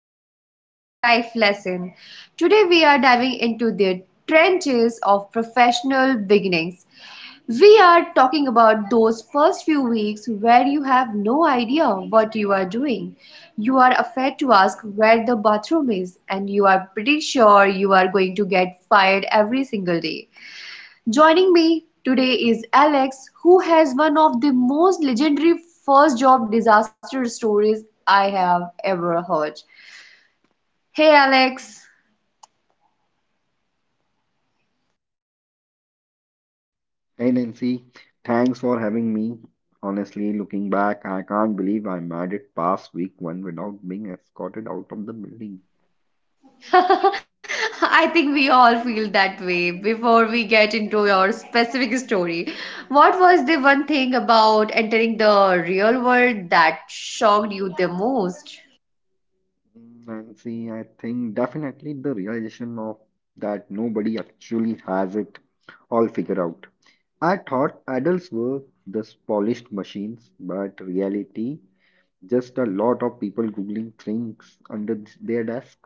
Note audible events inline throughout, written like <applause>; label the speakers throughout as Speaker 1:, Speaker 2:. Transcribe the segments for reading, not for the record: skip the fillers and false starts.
Speaker 1: show Work Life Lesson. Today we are diving into the trenches of professional beginnings. We are talking about those first few weeks where you have no idea what you are doing. You are afraid to ask where the bathroom is, and you are pretty sure you are going to get fired every single day. Joining me today is Alex, who has one of the most legendary first job disaster stories I have ever heard. Hey, Alex.
Speaker 2: Hey Nancy, thanks for having me. Honestly, looking back, I can't believe I made it past week one without being escorted out of the building.
Speaker 1: <laughs> I think we all feel that way. Before we get into your specific story, what was the one thing about entering the real world that shocked you the most?
Speaker 2: Mm, Nancy, I think definitely the realization of that nobody actually has it all figured out. I thought adults were just polished machines, but reality, just a lot of people googling things under their desk.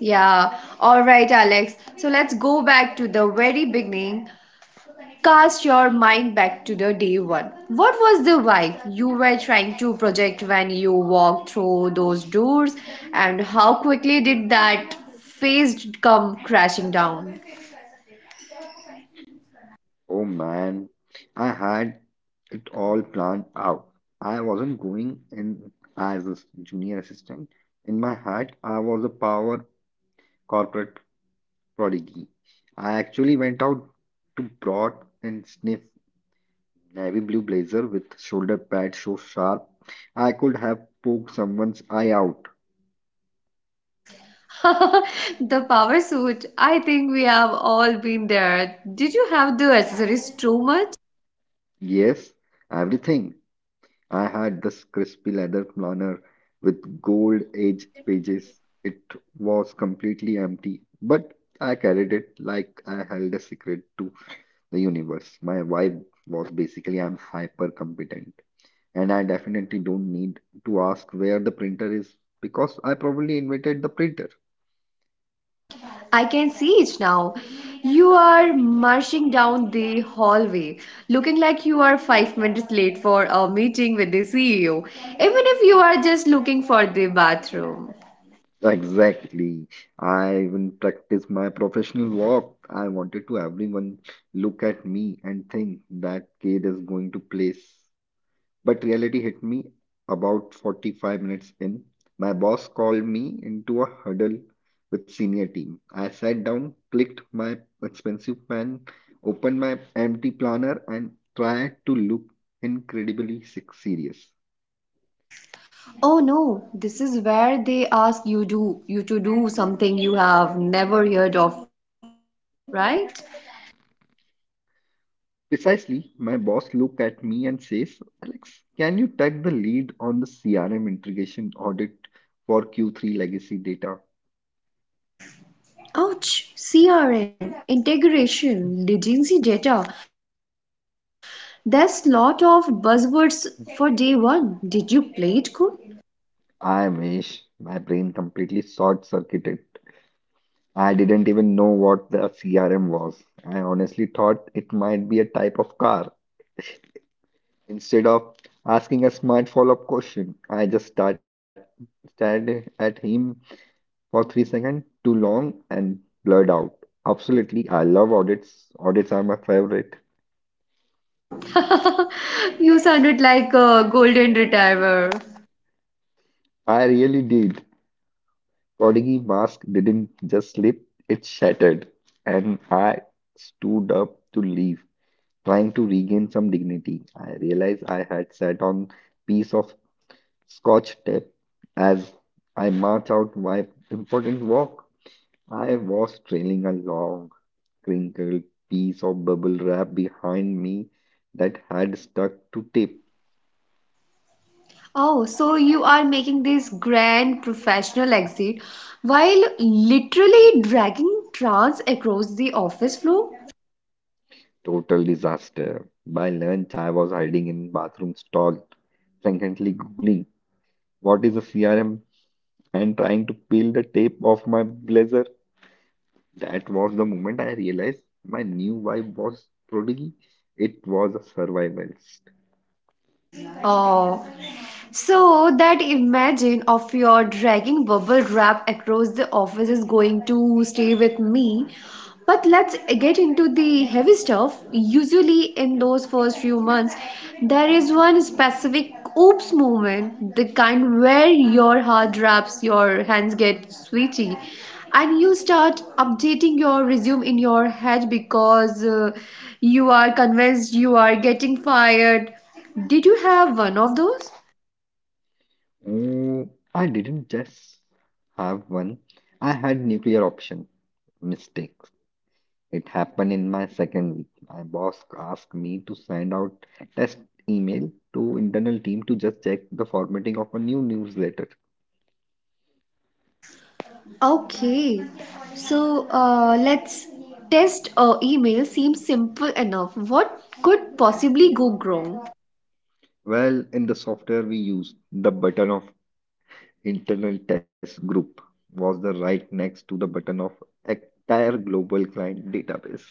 Speaker 1: Yeah, all right, Alex. So let's go back to the very beginning. Cast your mind back to the day one. What was the vibe you were trying to project when you walked through those doors, and how quickly did that phase come crashing down?
Speaker 2: Oh man, I had it all planned out. I wasn't going in as a junior assistant. In my head, I was a power corporate prodigy. I actually went out to broad and sniff navy blue blazer with shoulder pads so sharp I could have poked someone's eye out.
Speaker 1: <laughs> The power suit. I think we have all been there. Did you have the accessories too much?
Speaker 2: Yes, everything. I had this crispy leather planner with gold edge pages. It was completely empty, but I carried it like I held a secret to the universe. My vibe was basically I'm hyper competent, and I definitely don't need to ask where the printer is because I probably invented the printer.
Speaker 1: I can see it now. You are marching down the hallway, looking like you are 5 minutes late for a meeting with the CEO, even if you are just looking for the bathroom.
Speaker 2: Exactly. I even practiced my professional walk. I wanted to everyone look at me and think that kid is going to place. But reality hit me about 45 minutes in. My boss called me into a huddle with senior team. I sat down, clicked my expensive pen, opened my empty planner, and tried to look incredibly serious.
Speaker 1: Oh no, this is where they ask you do you to do something you have never heard of, right?
Speaker 2: Precisely, my boss looked at me and says, Alex, can you take the lead on the CRM integration audit for Q3 legacy data?
Speaker 1: Ouch, CRM, integration, latency data. There's lot of buzzwords for day one. Did you play it cool?
Speaker 2: I wish. My brain completely short-circuited. I didn't even know what the CRM was. I honestly thought it might be a type of car. Instead of asking a smart follow-up question, I just start, stared at him for 3 seconds too long and blurred out. Absolutely, I love audits. Audits are my favorite.
Speaker 1: <laughs> You sounded like a golden retriever.
Speaker 2: I really did. Prodigy mask didn't just slip, it shattered, and I stood up to leave, trying to regain some dignity. I realized I had sat on piece of Scotch tape. As I marched out my important walk, I was trailing a long, crinkled piece of bubble wrap behind me that had stuck to tape.
Speaker 1: Oh, so you are making this grand professional exit while literally dragging trance across the office floor?
Speaker 2: Total disaster. By lunch, I was hiding in bathroom stall, frantically googling what is a CRM and trying to peel the tape off my blazer. That was the moment I realized my new wife was prodigy. It was a survivalist.
Speaker 1: Oh, so that imagine of your dragging bubble wrap across the office is going to stay with me. But let's get into the heavy stuff. Usually in those first few months, there is one specific oops moment, the kind where your heart drops, your hands get sweaty, and you start updating your resume in your head because you are convinced you are getting fired. Did you have one of those?
Speaker 2: Mm, I didn't just have one. I had nuclear option. Mistakes. It happened in my second week. My boss asked me to send out test email to internal team to just check the formatting of a new newsletter.
Speaker 1: Okay, so let's test email seems simple enough. What could possibly go wrong?
Speaker 2: Well, in the software we used, the button of internal test group was the right next to the button of entire global client database.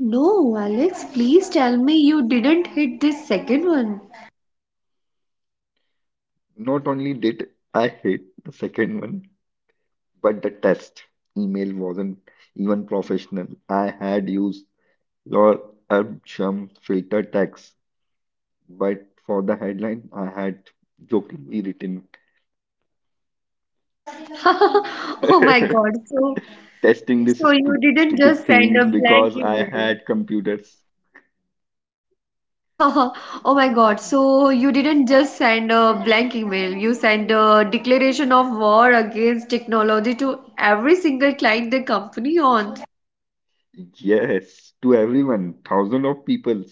Speaker 1: No, Alex, please tell me you didn't hit this second one.
Speaker 2: Not only did I hate the second one, but the test email wasn't even professional. I had used Lorem filter text, but for the headline, I had jokingly written
Speaker 1: <laughs> Oh my God,
Speaker 2: <laughs>
Speaker 1: so
Speaker 2: testing this
Speaker 1: so you didn't
Speaker 2: stupid
Speaker 1: just send a
Speaker 2: thing
Speaker 1: blank
Speaker 2: because I
Speaker 1: email.
Speaker 2: had computers.
Speaker 1: <laughs> Oh my God, so you didn't just send a blank email. You sent a declaration of war against technology to every single client the company owns.
Speaker 2: Yes, to everyone, thousands of people,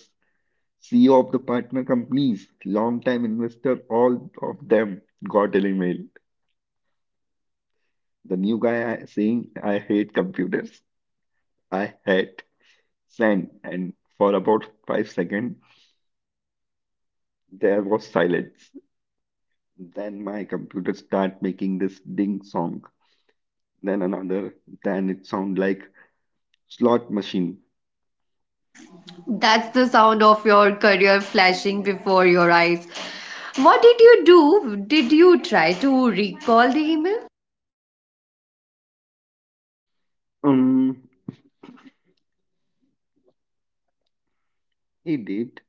Speaker 2: CEO of the partner companies, long-time investor, all of them got an email. The new guy saying, I hate computers. I hate. Send. And for about 5 seconds, there was silence. Then my computer start making this ding song. Then another. Then it sound like slot machine.
Speaker 1: That's the sound of your career flashing before your eyes. What did you do? Did you try to recall the email?
Speaker 2: Um, it did.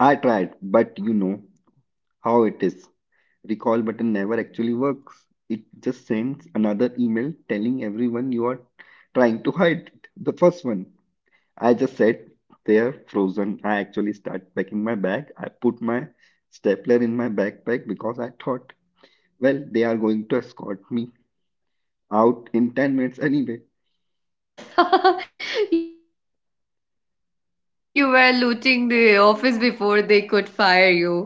Speaker 2: I tried, but you know how it is. Recall button never actually works. It just sends another email telling everyone you are trying to hide the first one. I just said they're frozen. I actually start packing my bag. I put my stapler in my backpack because I thought, well, they are going to escort me out in 10 minutes anyway.
Speaker 1: <laughs> You were looting the office before they could fire you. <laughs> Did your boss come over?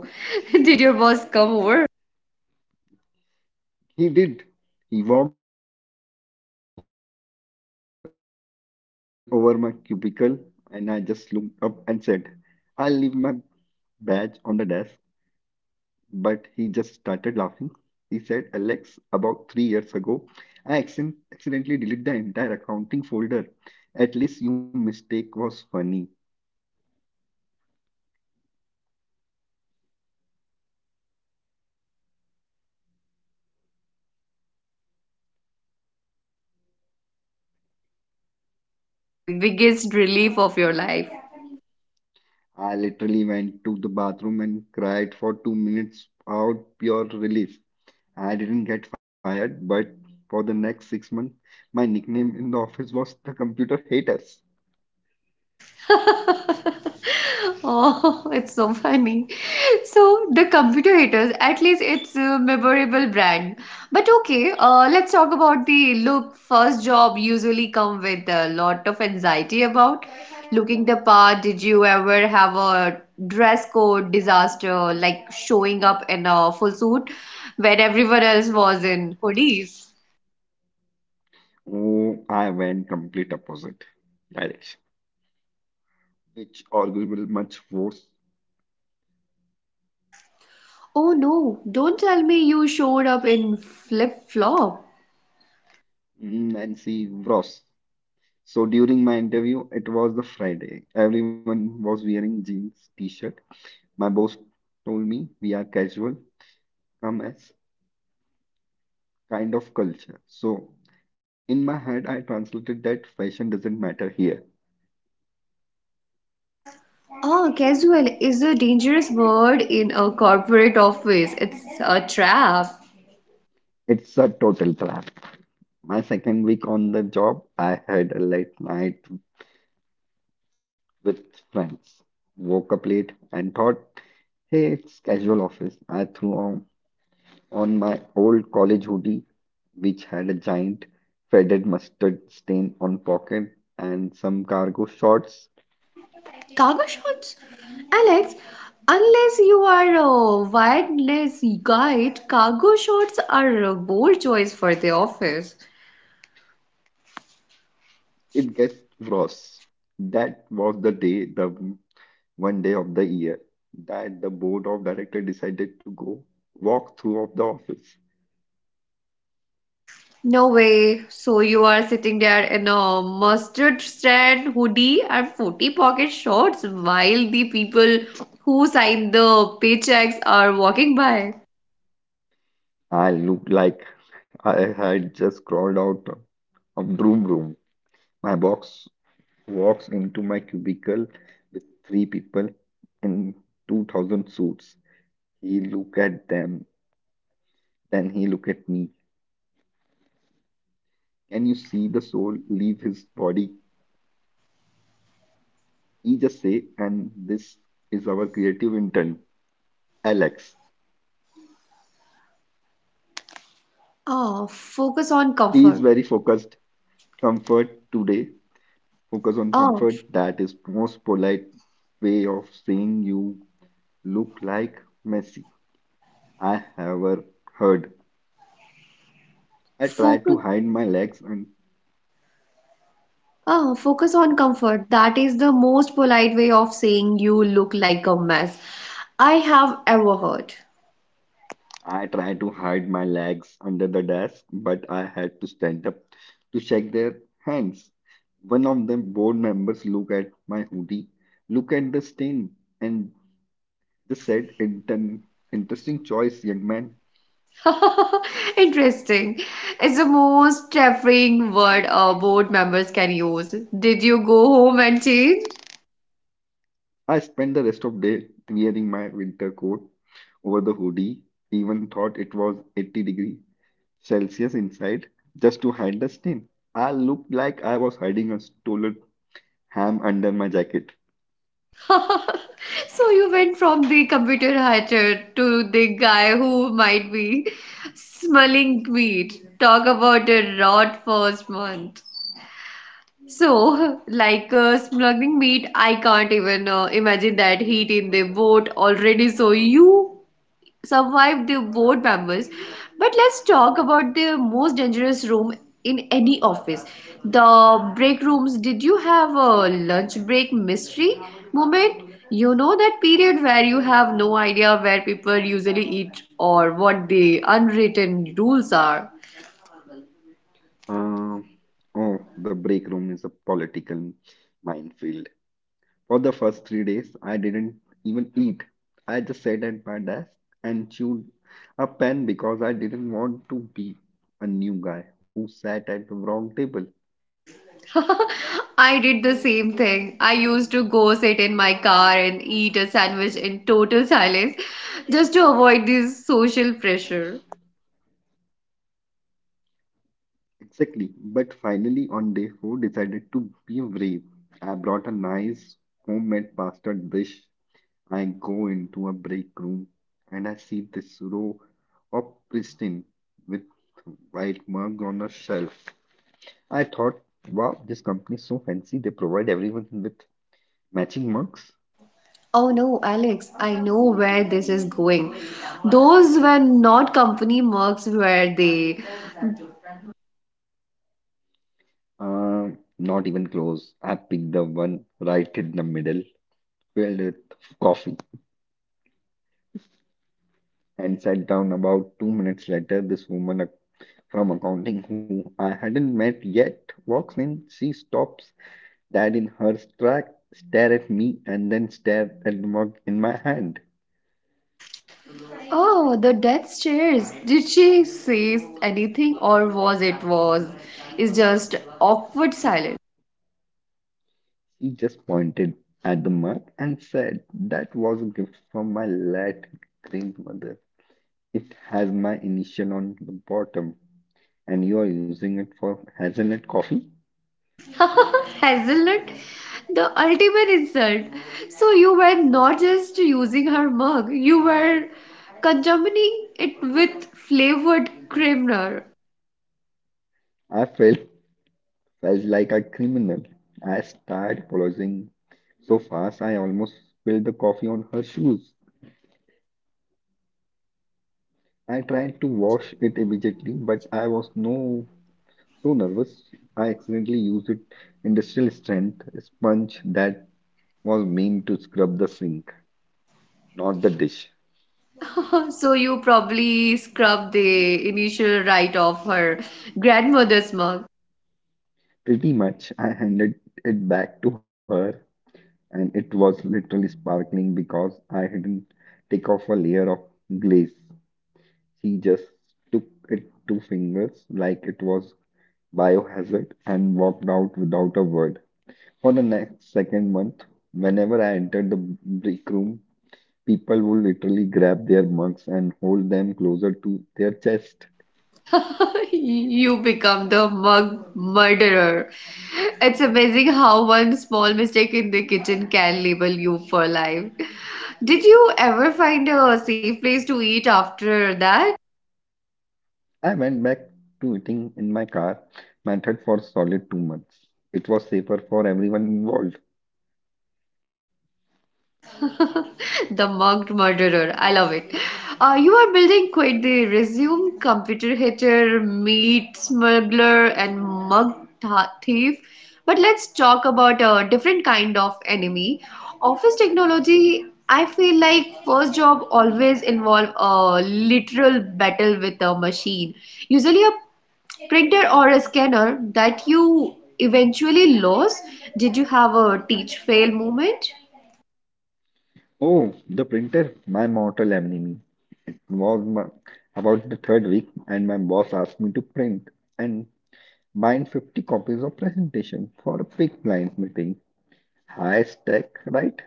Speaker 2: He did. He walked over very slowly, leaned over my cubicle, and I just looked up and said, I'll leave my badge on the desk. But he just started laughing. He said, Alex, about 3 years ago, I accidentally deleted the entire accounting folder. At least your mistake was funny.
Speaker 1: Wow, you got the merciful boss lottery. That must have been the biggest relief of your life.
Speaker 2: I literally went to the bathroom and cried for 2 minutes out pure relief. I didn't get fired, but for the next 6 months, my nickname in the office was the computer haters.
Speaker 1: <laughs> Oh, it's so funny. So the computer haters, at least it's a memorable brand. But okay, let's talk about the look. First job usually come with a lot of anxiety about looking the part. Did you ever have a dress code disaster, like showing up in a full suit when everyone else was in hoodies?
Speaker 2: Oh, I went complete opposite direction, which arguable much worse.
Speaker 1: Oh no, don't tell me you showed up in flip-flop.
Speaker 2: Mm, Nancy Ross. So during my interview, it was the Friday. Everyone was wearing jeans, t-shirt. My boss told me we are casual, come as kind of culture. So in my head, I translated that fashion doesn't matter here.
Speaker 1: Oh, casual is a dangerous word in a corporate office. It's a trap.
Speaker 2: It's a total trap. My second week on the job, I had a late night with friends. Woke up late and thought, hey, it's casual office. I threw on my old college hoodie, which had a giant faded mustard stain on pocket and some cargo shorts.
Speaker 1: Cargo shorts, Alex. Unless you are a wireless guide, cargo shorts are a bold choice for the office.
Speaker 2: It gets worse. That was the day, the one day of the year, that the board of director decided to go walk through of the office.
Speaker 1: No way. So you are sitting there in a mustard strand hoodie and 40 pocket shorts while the people who sign the paychecks are walking by.
Speaker 2: I looked like I had just crawled out of broom room. My box walks into my cubicle with three people in 2000 suits. He look at them, then he look at me. Can you see the soul leave his body? He just say, and this is our creative intern, Alex.
Speaker 1: Oh, focus on
Speaker 2: He is very
Speaker 1: comfort.
Speaker 2: focused. Comfort today. Focus on
Speaker 1: Oh,
Speaker 2: comfort. That is most polite way of saying you look like Messi. I have heard. I tried to
Speaker 1: focus
Speaker 2: hide my legs and
Speaker 1: Oh, focus on comfort. That is the most polite way of saying you look like a mess I have ever heard.
Speaker 2: I tried to hide my legs under the desk, but I had to stand up to shake their hands. One of the board members looked at my hoodie, looked at the stain, and just said, Interesting choice, young man."
Speaker 1: <laughs> Interesting. It's the most terrifying word board members can use. Did you go home and change?
Speaker 2: I spent the rest of day wearing my winter coat over the hoodie, even thought it was 80-degree Celsius inside, just to hide the stain. I looked like I was hiding a stolen ham under my jacket.
Speaker 1: <laughs> So you went from the computer hacker to the guy who might be smelling meat. Talk about a rot first month. So, like smuggling meat, I can't even imagine that heat in the boat already. So, you survived the boat members. But let's talk about the most dangerous room in any office. The break rooms. Did you have a lunch break mystery moment? You know that period where you have no idea where people usually eat or what the unwritten rules are.
Speaker 2: Uh, oh, the break room is a political minefield. For the first 3 days, I didn't even eat. I just sat at my desk and chewed a pen because I didn't want to be a new guy who sat at the wrong table.
Speaker 1: I did the same thing. I used to go sit in my car and eat a sandwich in total silence just to avoid this social pressure.
Speaker 2: Exactly. But finally, on day four, decided to be brave. I brought a nice homemade pasta dish. I go into a break room and I see this row of pristine with white mug on a shelf. I thought, wow, this company is so fancy. They provide everyone with matching mugs.
Speaker 1: Oh no, Alex, I know where this is going. Those were not company mugs, were they?
Speaker 2: Uh, not even close. I picked the one right in the middle, filled with coffee, and sat down. About 2 minutes later, this woman from accounting who I hadn't met yet walks in. She stops Dad in her track, stared at me and then stared at the mug in my hand.
Speaker 1: Oh, the death stares. Did she say anything or was it was? It's just awkward silence.
Speaker 2: She just pointed at the mug and said that was a gift from my late grandmother. It has my initial on the bottom, and you are using it for hazelnut coffee.
Speaker 1: <laughs> Hazelnut, the ultimate insult. So you were not just using her mug, you were conjuring it with flavored creamer.
Speaker 2: I felt like a criminal. I started apologizing so fast I almost spilled the coffee on her shoes. I tried to wash it immediately, but I was no so nervous, I accidentally used it industrial strength sponge that was meant to scrub the sink, not the dish.
Speaker 1: <laughs> So you probably scrubbed the initial right off her grandmother's mug.
Speaker 2: Pretty much, I handed it back to her, and it was literally sparkling because I didn't take off a layer of glaze. She just took it two fingers like it was biohazard and walked out without a word. For the next second month, whenever I entered the break room, people would literally grab their mugs and hold them closer to their chest.
Speaker 1: <laughs> You become the mug murderer. It's amazing how one small mistake in the kitchen can label you for life. Did you ever find a safe place to eat after that?
Speaker 2: I went back to eating in my car method for solid 2 months. It was safer for everyone involved.
Speaker 1: The mugged murderer. I love it. You are building quite the resume computer hitter, meat smuggler, and mug thief. But let's talk about a different kind of enemy. Office technology, I feel like first job always involve a literal battle with a machine. Usually a printer or a scanner that you eventually lose. Did you have a teach fail moment?
Speaker 2: Oh, the printer, my mortal enemy, was my, about the third week, and my boss asked me to print and bind 50 copies of presentation for a big client meeting. High stack, right?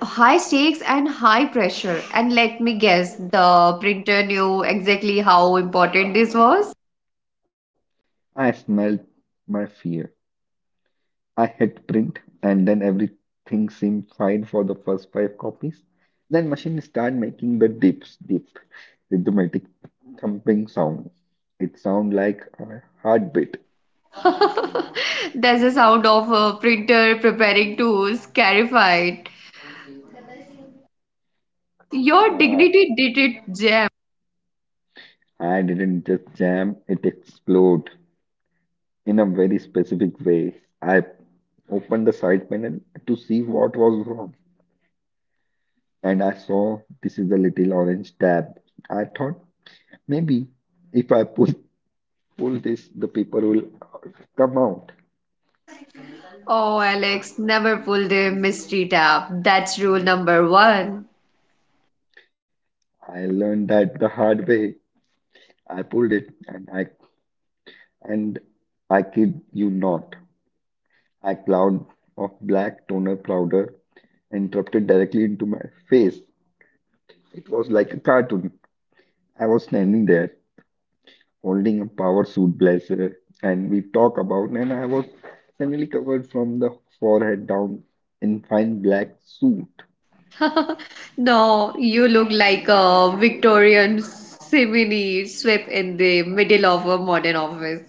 Speaker 1: High stakes and high pressure. And let me guess, the printer knew exactly how important this was.
Speaker 2: I smelled my fear. I hit print and then everything seemed fine for the first five copies. Then machine started making the dips, dip, rhythmic thumping sound. It sounded like a heartbeat.
Speaker 1: <laughs> There's a sound of a printer preparing to scarify it. Your
Speaker 2: Ah,
Speaker 1: dignity did it, Jem.
Speaker 2: I didn't just jam, it exploded in a very specific way. I opened the side panel to see what was wrong, and I saw this is a little orange tab. I thought maybe if I push pull this, the paper will come out.
Speaker 1: Oh, Alex, never pull the mystery tab. That's rule number one.
Speaker 2: I learned that the hard way. I pulled it and I kid you not. A cloud of black toner powder interrupted directly into my face. It was like a cartoon. I was standing there holding a power suit blazer and we talk about and I was suddenly covered from the forehead down in fine black suit.
Speaker 1: <laughs> No, you look like a Victorian simile swept in the middle of a modern office.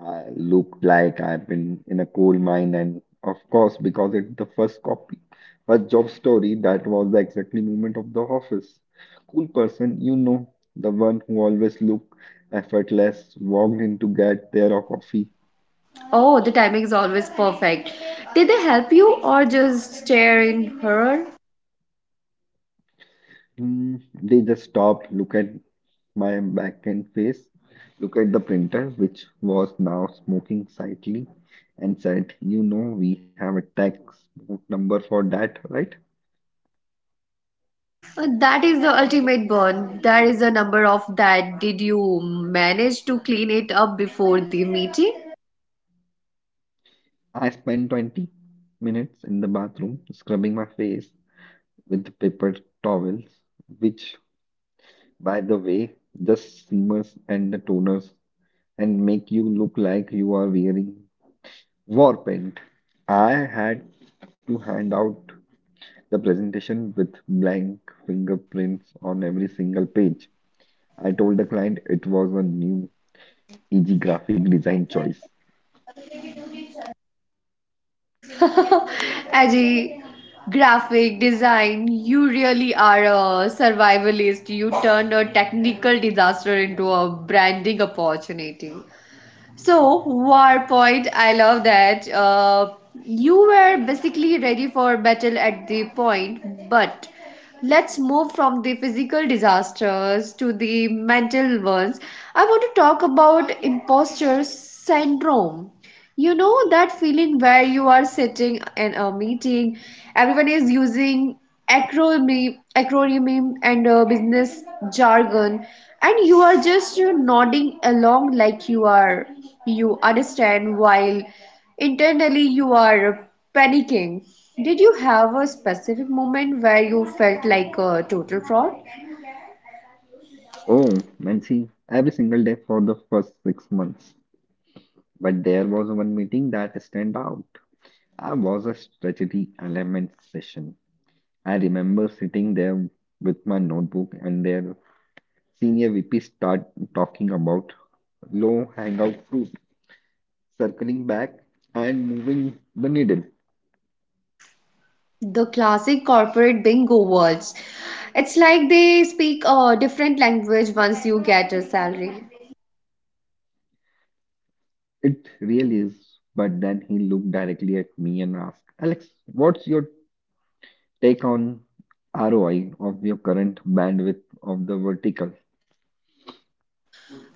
Speaker 2: I looked like I've been in a coal mine, and of course, because it's the first job story, that was the exactly moment of the office. Cool person, you know, the one who always look effortless, walked in to get their coffee.
Speaker 1: Oh, the timing is always perfect. Did they help you or just stare in horror?
Speaker 2: Hmm, they just stopped, look at my back and face, look at the printer, which was now smoking slightly, and said, "You know, we have a tax book number for that, right?"
Speaker 1: That is the ultimate burn. There is a number of that. Did you manage to clean it up before the meeting?
Speaker 2: I spent 20 minutes in the bathroom scrubbing my face with paper towels, which, by the way, just steamers and the toners and make you look like you are wearing war paint. I had to hand out the presentation with blank fingerprints on every single page. I told the client it was a new easy graphic design choice.
Speaker 1: As a graphic design, you really are a survivalist. You turned a technical disaster into a branding opportunity. So, war point, I love that. You were basically ready for battle at the point, but let's move from the physical disasters to the mental ones. I want to talk about imposter syndrome. You know that feeling where you are sitting in a meeting, everyone is using acronym and business jargon, and you are just nodding along like you understand while internally you are panicking. Did you have a specific moment where you felt like a total fraud?
Speaker 2: Oh, Nancy! Every single day for the first 6 months. But there was one meeting that stand out. I was a strategy element session. I remember sitting there with my notebook and their senior VP start talking about low hangout fruit, circling back and moving the needle.
Speaker 1: The classic corporate bingo words. It's like they speak a different language once you get a salary.
Speaker 2: It really is. But then he looked directly at me and asked, "Alex, what's your take on ROI of your current bandwidth of the vertical?"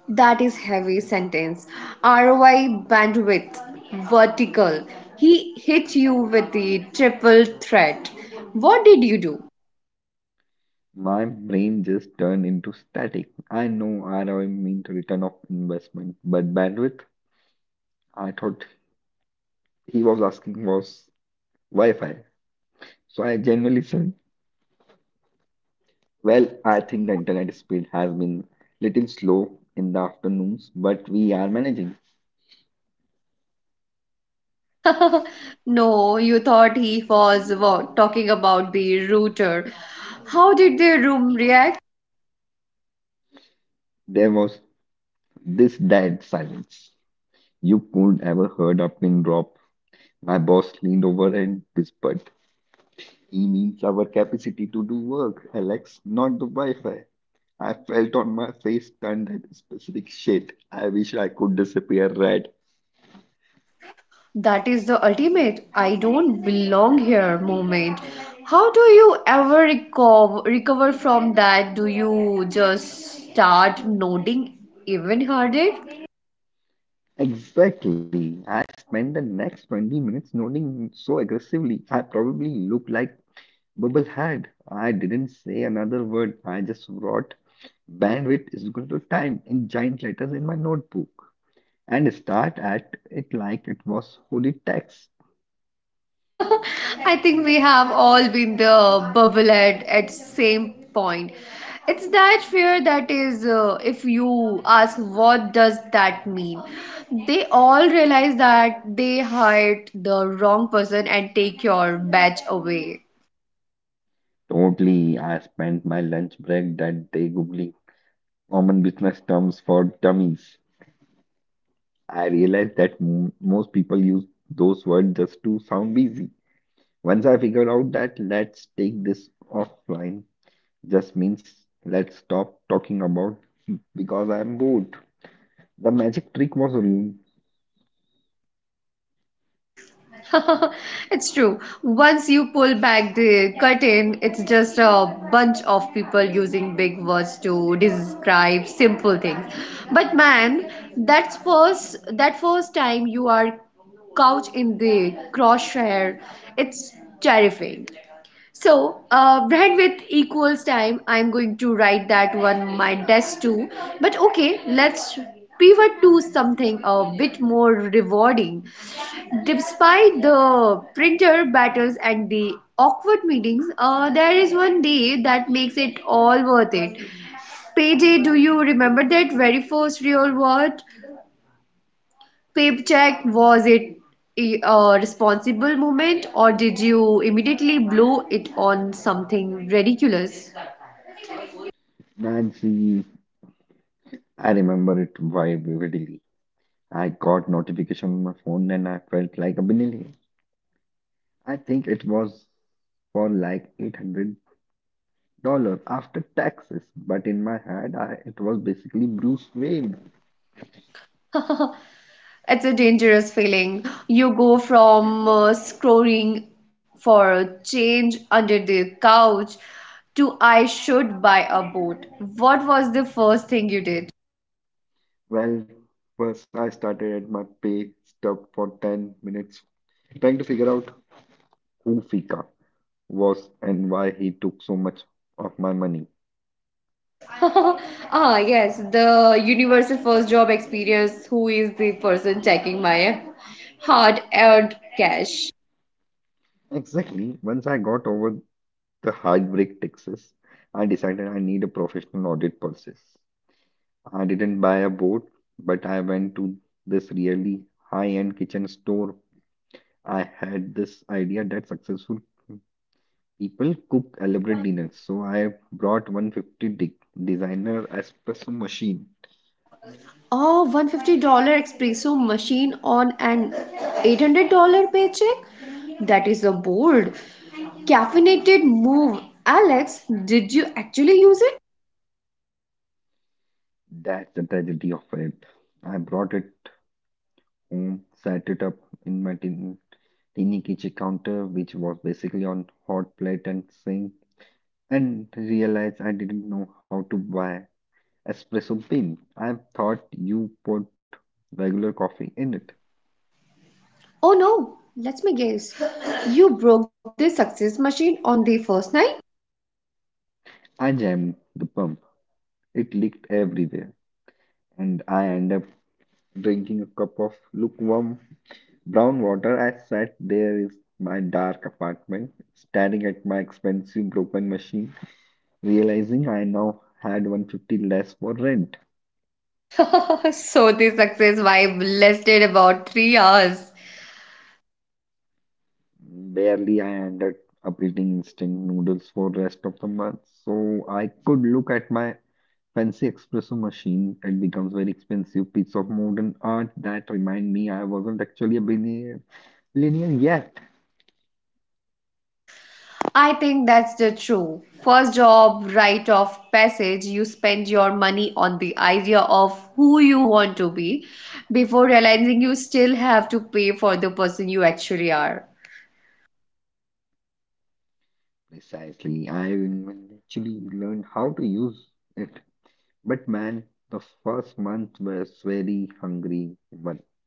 Speaker 1: That is heavy sentence. ROI bandwidth vertical. He hit you with the triple threat. What did you do?
Speaker 2: My brain just turned into static. I know I mean to return of investment, but bandwidth, I thought he was asking was Wi-Fi. So I genuinely said, "Well, I think the internet speed has been little slow in the afternoons, but we are managing."
Speaker 1: <laughs> No, you thought he was talking about the router. How did the room react?
Speaker 2: There was this dead silence. You could ever heard a pin drop. My boss leaned over and whispered, "He means our capacity to do work, Alex, not the Wi-Fi." I felt on my face turned that specific shade. I wish I could disappear red.
Speaker 1: That is the ultimate I don't belong here moment. How do you ever recover from that? Do you just start nodding even harder?
Speaker 2: Exactly. I spent the next 20 minutes nodding so aggressively. I probably looked like Bubblehead. I didn't say another word. I just wrote bandwidth is equal to time in giant letters in my notebook and start at it like it was holy text.
Speaker 1: I think we have all been the bubble head at same point. It's that fear that is, if you ask what does that mean, they all realize that they hired the wrong person and take your badge away.
Speaker 2: Totally, I spent my lunch break that day googling common business terms for dummies. I realized that m most people use those words just to sound busy. Once I figured out that let's take this offline just means let's stop talking about because I'm bored. The magic trick was real.
Speaker 1: <laughs> It's true. Once you pull back the curtain, it's just a bunch of people using big words to describe simple things. But man, that's first that first time you are couch in the crosshair, it's terrifying. So, bread with equals time. I'm going to write that one my desk too. But okay, let's pivot to something a bit more rewarding. Despite the printer battles and the awkward meetings, there is one day that makes it all worth it. Payday, do you remember that very first real word? Paycheck, was it a responsible moment or did you immediately blow it on something ridiculous?
Speaker 2: Nancy, I remember it very vividly. I got notification on my phone and I felt like a billionaire. I think it was for like $800 after taxes, but in my head, it was basically Bruce Wayne.
Speaker 1: It's a dangerous feeling. You go from scrolling for change under the couch to I should buy a boat. What was the first thing you did?
Speaker 2: Well, first I started at my pay stub for 10 minutes trying to figure out who Fika was and why he took so much of my money.
Speaker 1: <laughs> Ah, yes, the universal first job experience. Who is the person taking my hard earned cash?
Speaker 2: Exactly. Once I got over the heartbreak Texas, I decided I need a professional audit process. I didn't buy a boat, but I went to this really high-end kitchen store. I had this idea that successful people cook elaborate dinners, so I have brought 150 de designer espresso machine.
Speaker 1: Oh, $150 espresso machine on an $800 paycheck? That is a bold, caffeinated move. Alex, did you actually use it?
Speaker 2: That's the tragedy of it. I brought it home, set it up in my tiny kitchen counter, which was basically on hot plate and sink, and realized I didn't know how to buy espresso bean. I thought you put regular coffee in it.
Speaker 1: Oh no, let me guess. You broke the success machine on the first night?
Speaker 2: I jammed the pump. It leaked everywhere, and I ended up drinking a cup of lukewarm brown water. I sat there in my dark apartment, staring at my expensive broken machine, realizing I now had 150 less for rent.
Speaker 1: <laughs> So the success vibe lasted about 3 hours.
Speaker 2: Barely I ended up eating instant noodles for rest of the month, so I could look at my fancy espresso machine. It becomes very expensive piece of modern art that remind me I wasn't actually a billionaire linear yet.
Speaker 1: I think that's the true. First job, rite of passage, you spend your money on the idea of who you want to be before realizing you still have to pay for the person you actually are.
Speaker 2: Precisely, I even actually learned how to use it. But man, the first month was very hungry one.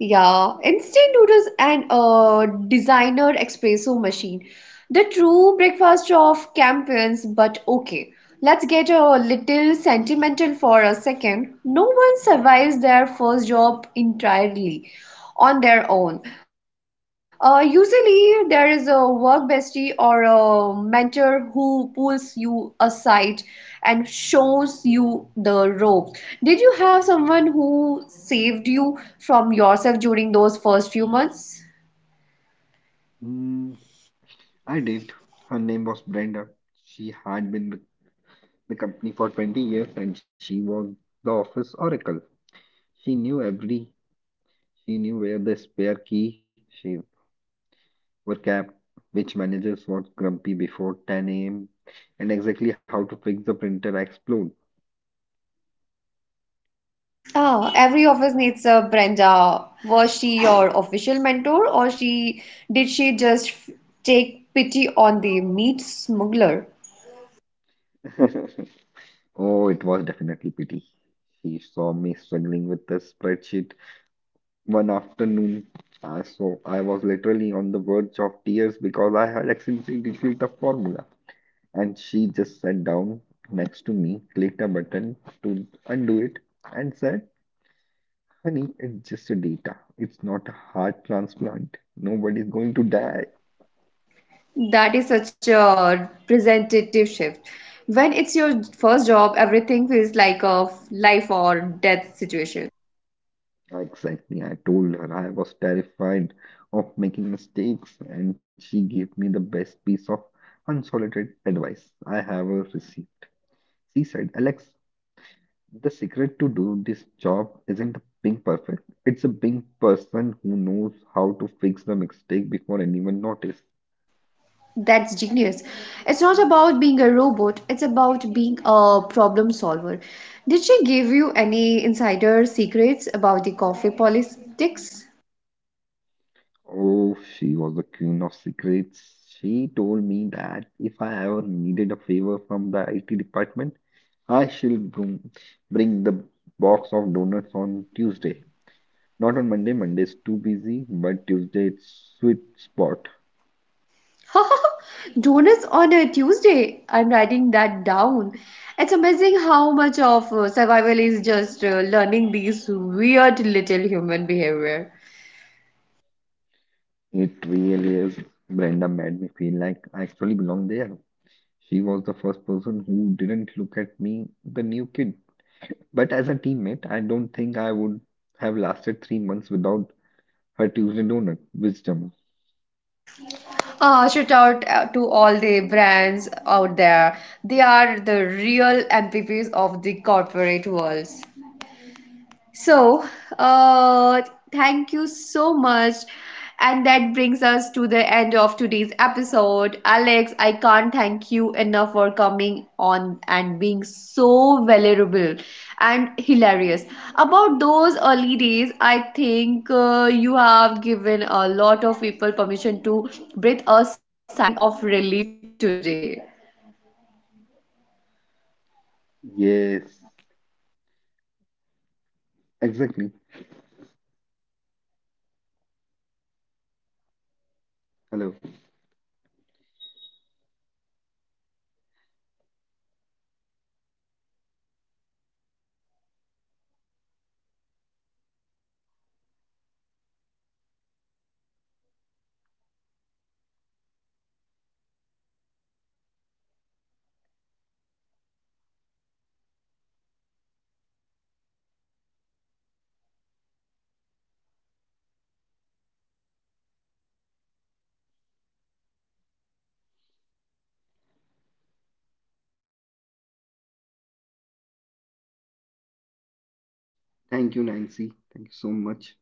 Speaker 1: Yeah, instant noodles and a designer espresso machine. The true breakfast of campaigns, but okay. Let's get a little sentimental for a second. No one survives their first job entirely on their own. Usually, there is a work bestie or a mentor who pulls you aside and shows you the rope. Did you have someone who saved you from yourself during those first few months?
Speaker 2: Mm, I did. Her name was Brenda. She had been with the company for 20 years and she was the office oracle. She knew every, she knew where the spare key she were kept, which managers was grumpy before 10 a.m., and exactly how to fix the printer explode.
Speaker 1: Ah, every office needs a Brenda. Was she your official mentor, or she did she just take pity on the meat smuggler?
Speaker 2: <laughs> Oh, it was definitely pity. She saw me struggling with the spreadsheet one afternoon. So I was literally on the verge of tears because I had accidentally deleted the formula. And she just sat down next to me, clicked a button to undo it, and said, "Honey, it's just a data. It's not a heart transplant. Nobody's going to die."
Speaker 1: That is such a presentative shift. When it's your first job, everything feels like a life or death situation.
Speaker 2: Exactly, I told her I was terrified of making mistakes, and she gave me the best piece of unsolicited advice I have ever received. She said, "Alex, the secret to do this job isn't being perfect. It's a being person who knows how to fix the mistake before anyone notices."
Speaker 1: That's genius. It's not about being a robot, it's about being a problem solver. Did she give you any insider secrets about the coffee politics?
Speaker 2: Oh, she was the queen of secrets. She told me that if I ever needed a favor from the IT department, I should bring the box of donuts on Tuesday. Not on Monday. Monday is too busy, but Tuesday it's sweet spot.
Speaker 1: <laughs> Donuts on a Tuesday. I'm writing that down. It's amazing how much of survival is just learning these weird little human behavior.
Speaker 2: It really is. Brenda made me feel like I actually belong there. She was the first person who didn't look at me, the new kid. But as a teammate, I don't think I would have lasted 3 months without her Tuesday donut wisdom.
Speaker 1: Shout out to all the brands out there. They are the real MVPs of the corporate worlds. So, uh, thank you so much. And that brings us to the end of today's episode. Alex, I can't thank you enough for coming on and being so valuable and hilarious. About those early days, I think you have given a lot of people permission to breathe a sign of relief today.
Speaker 2: Yes. Exactly. Hello. Thank you, Nancy. Thank you so much.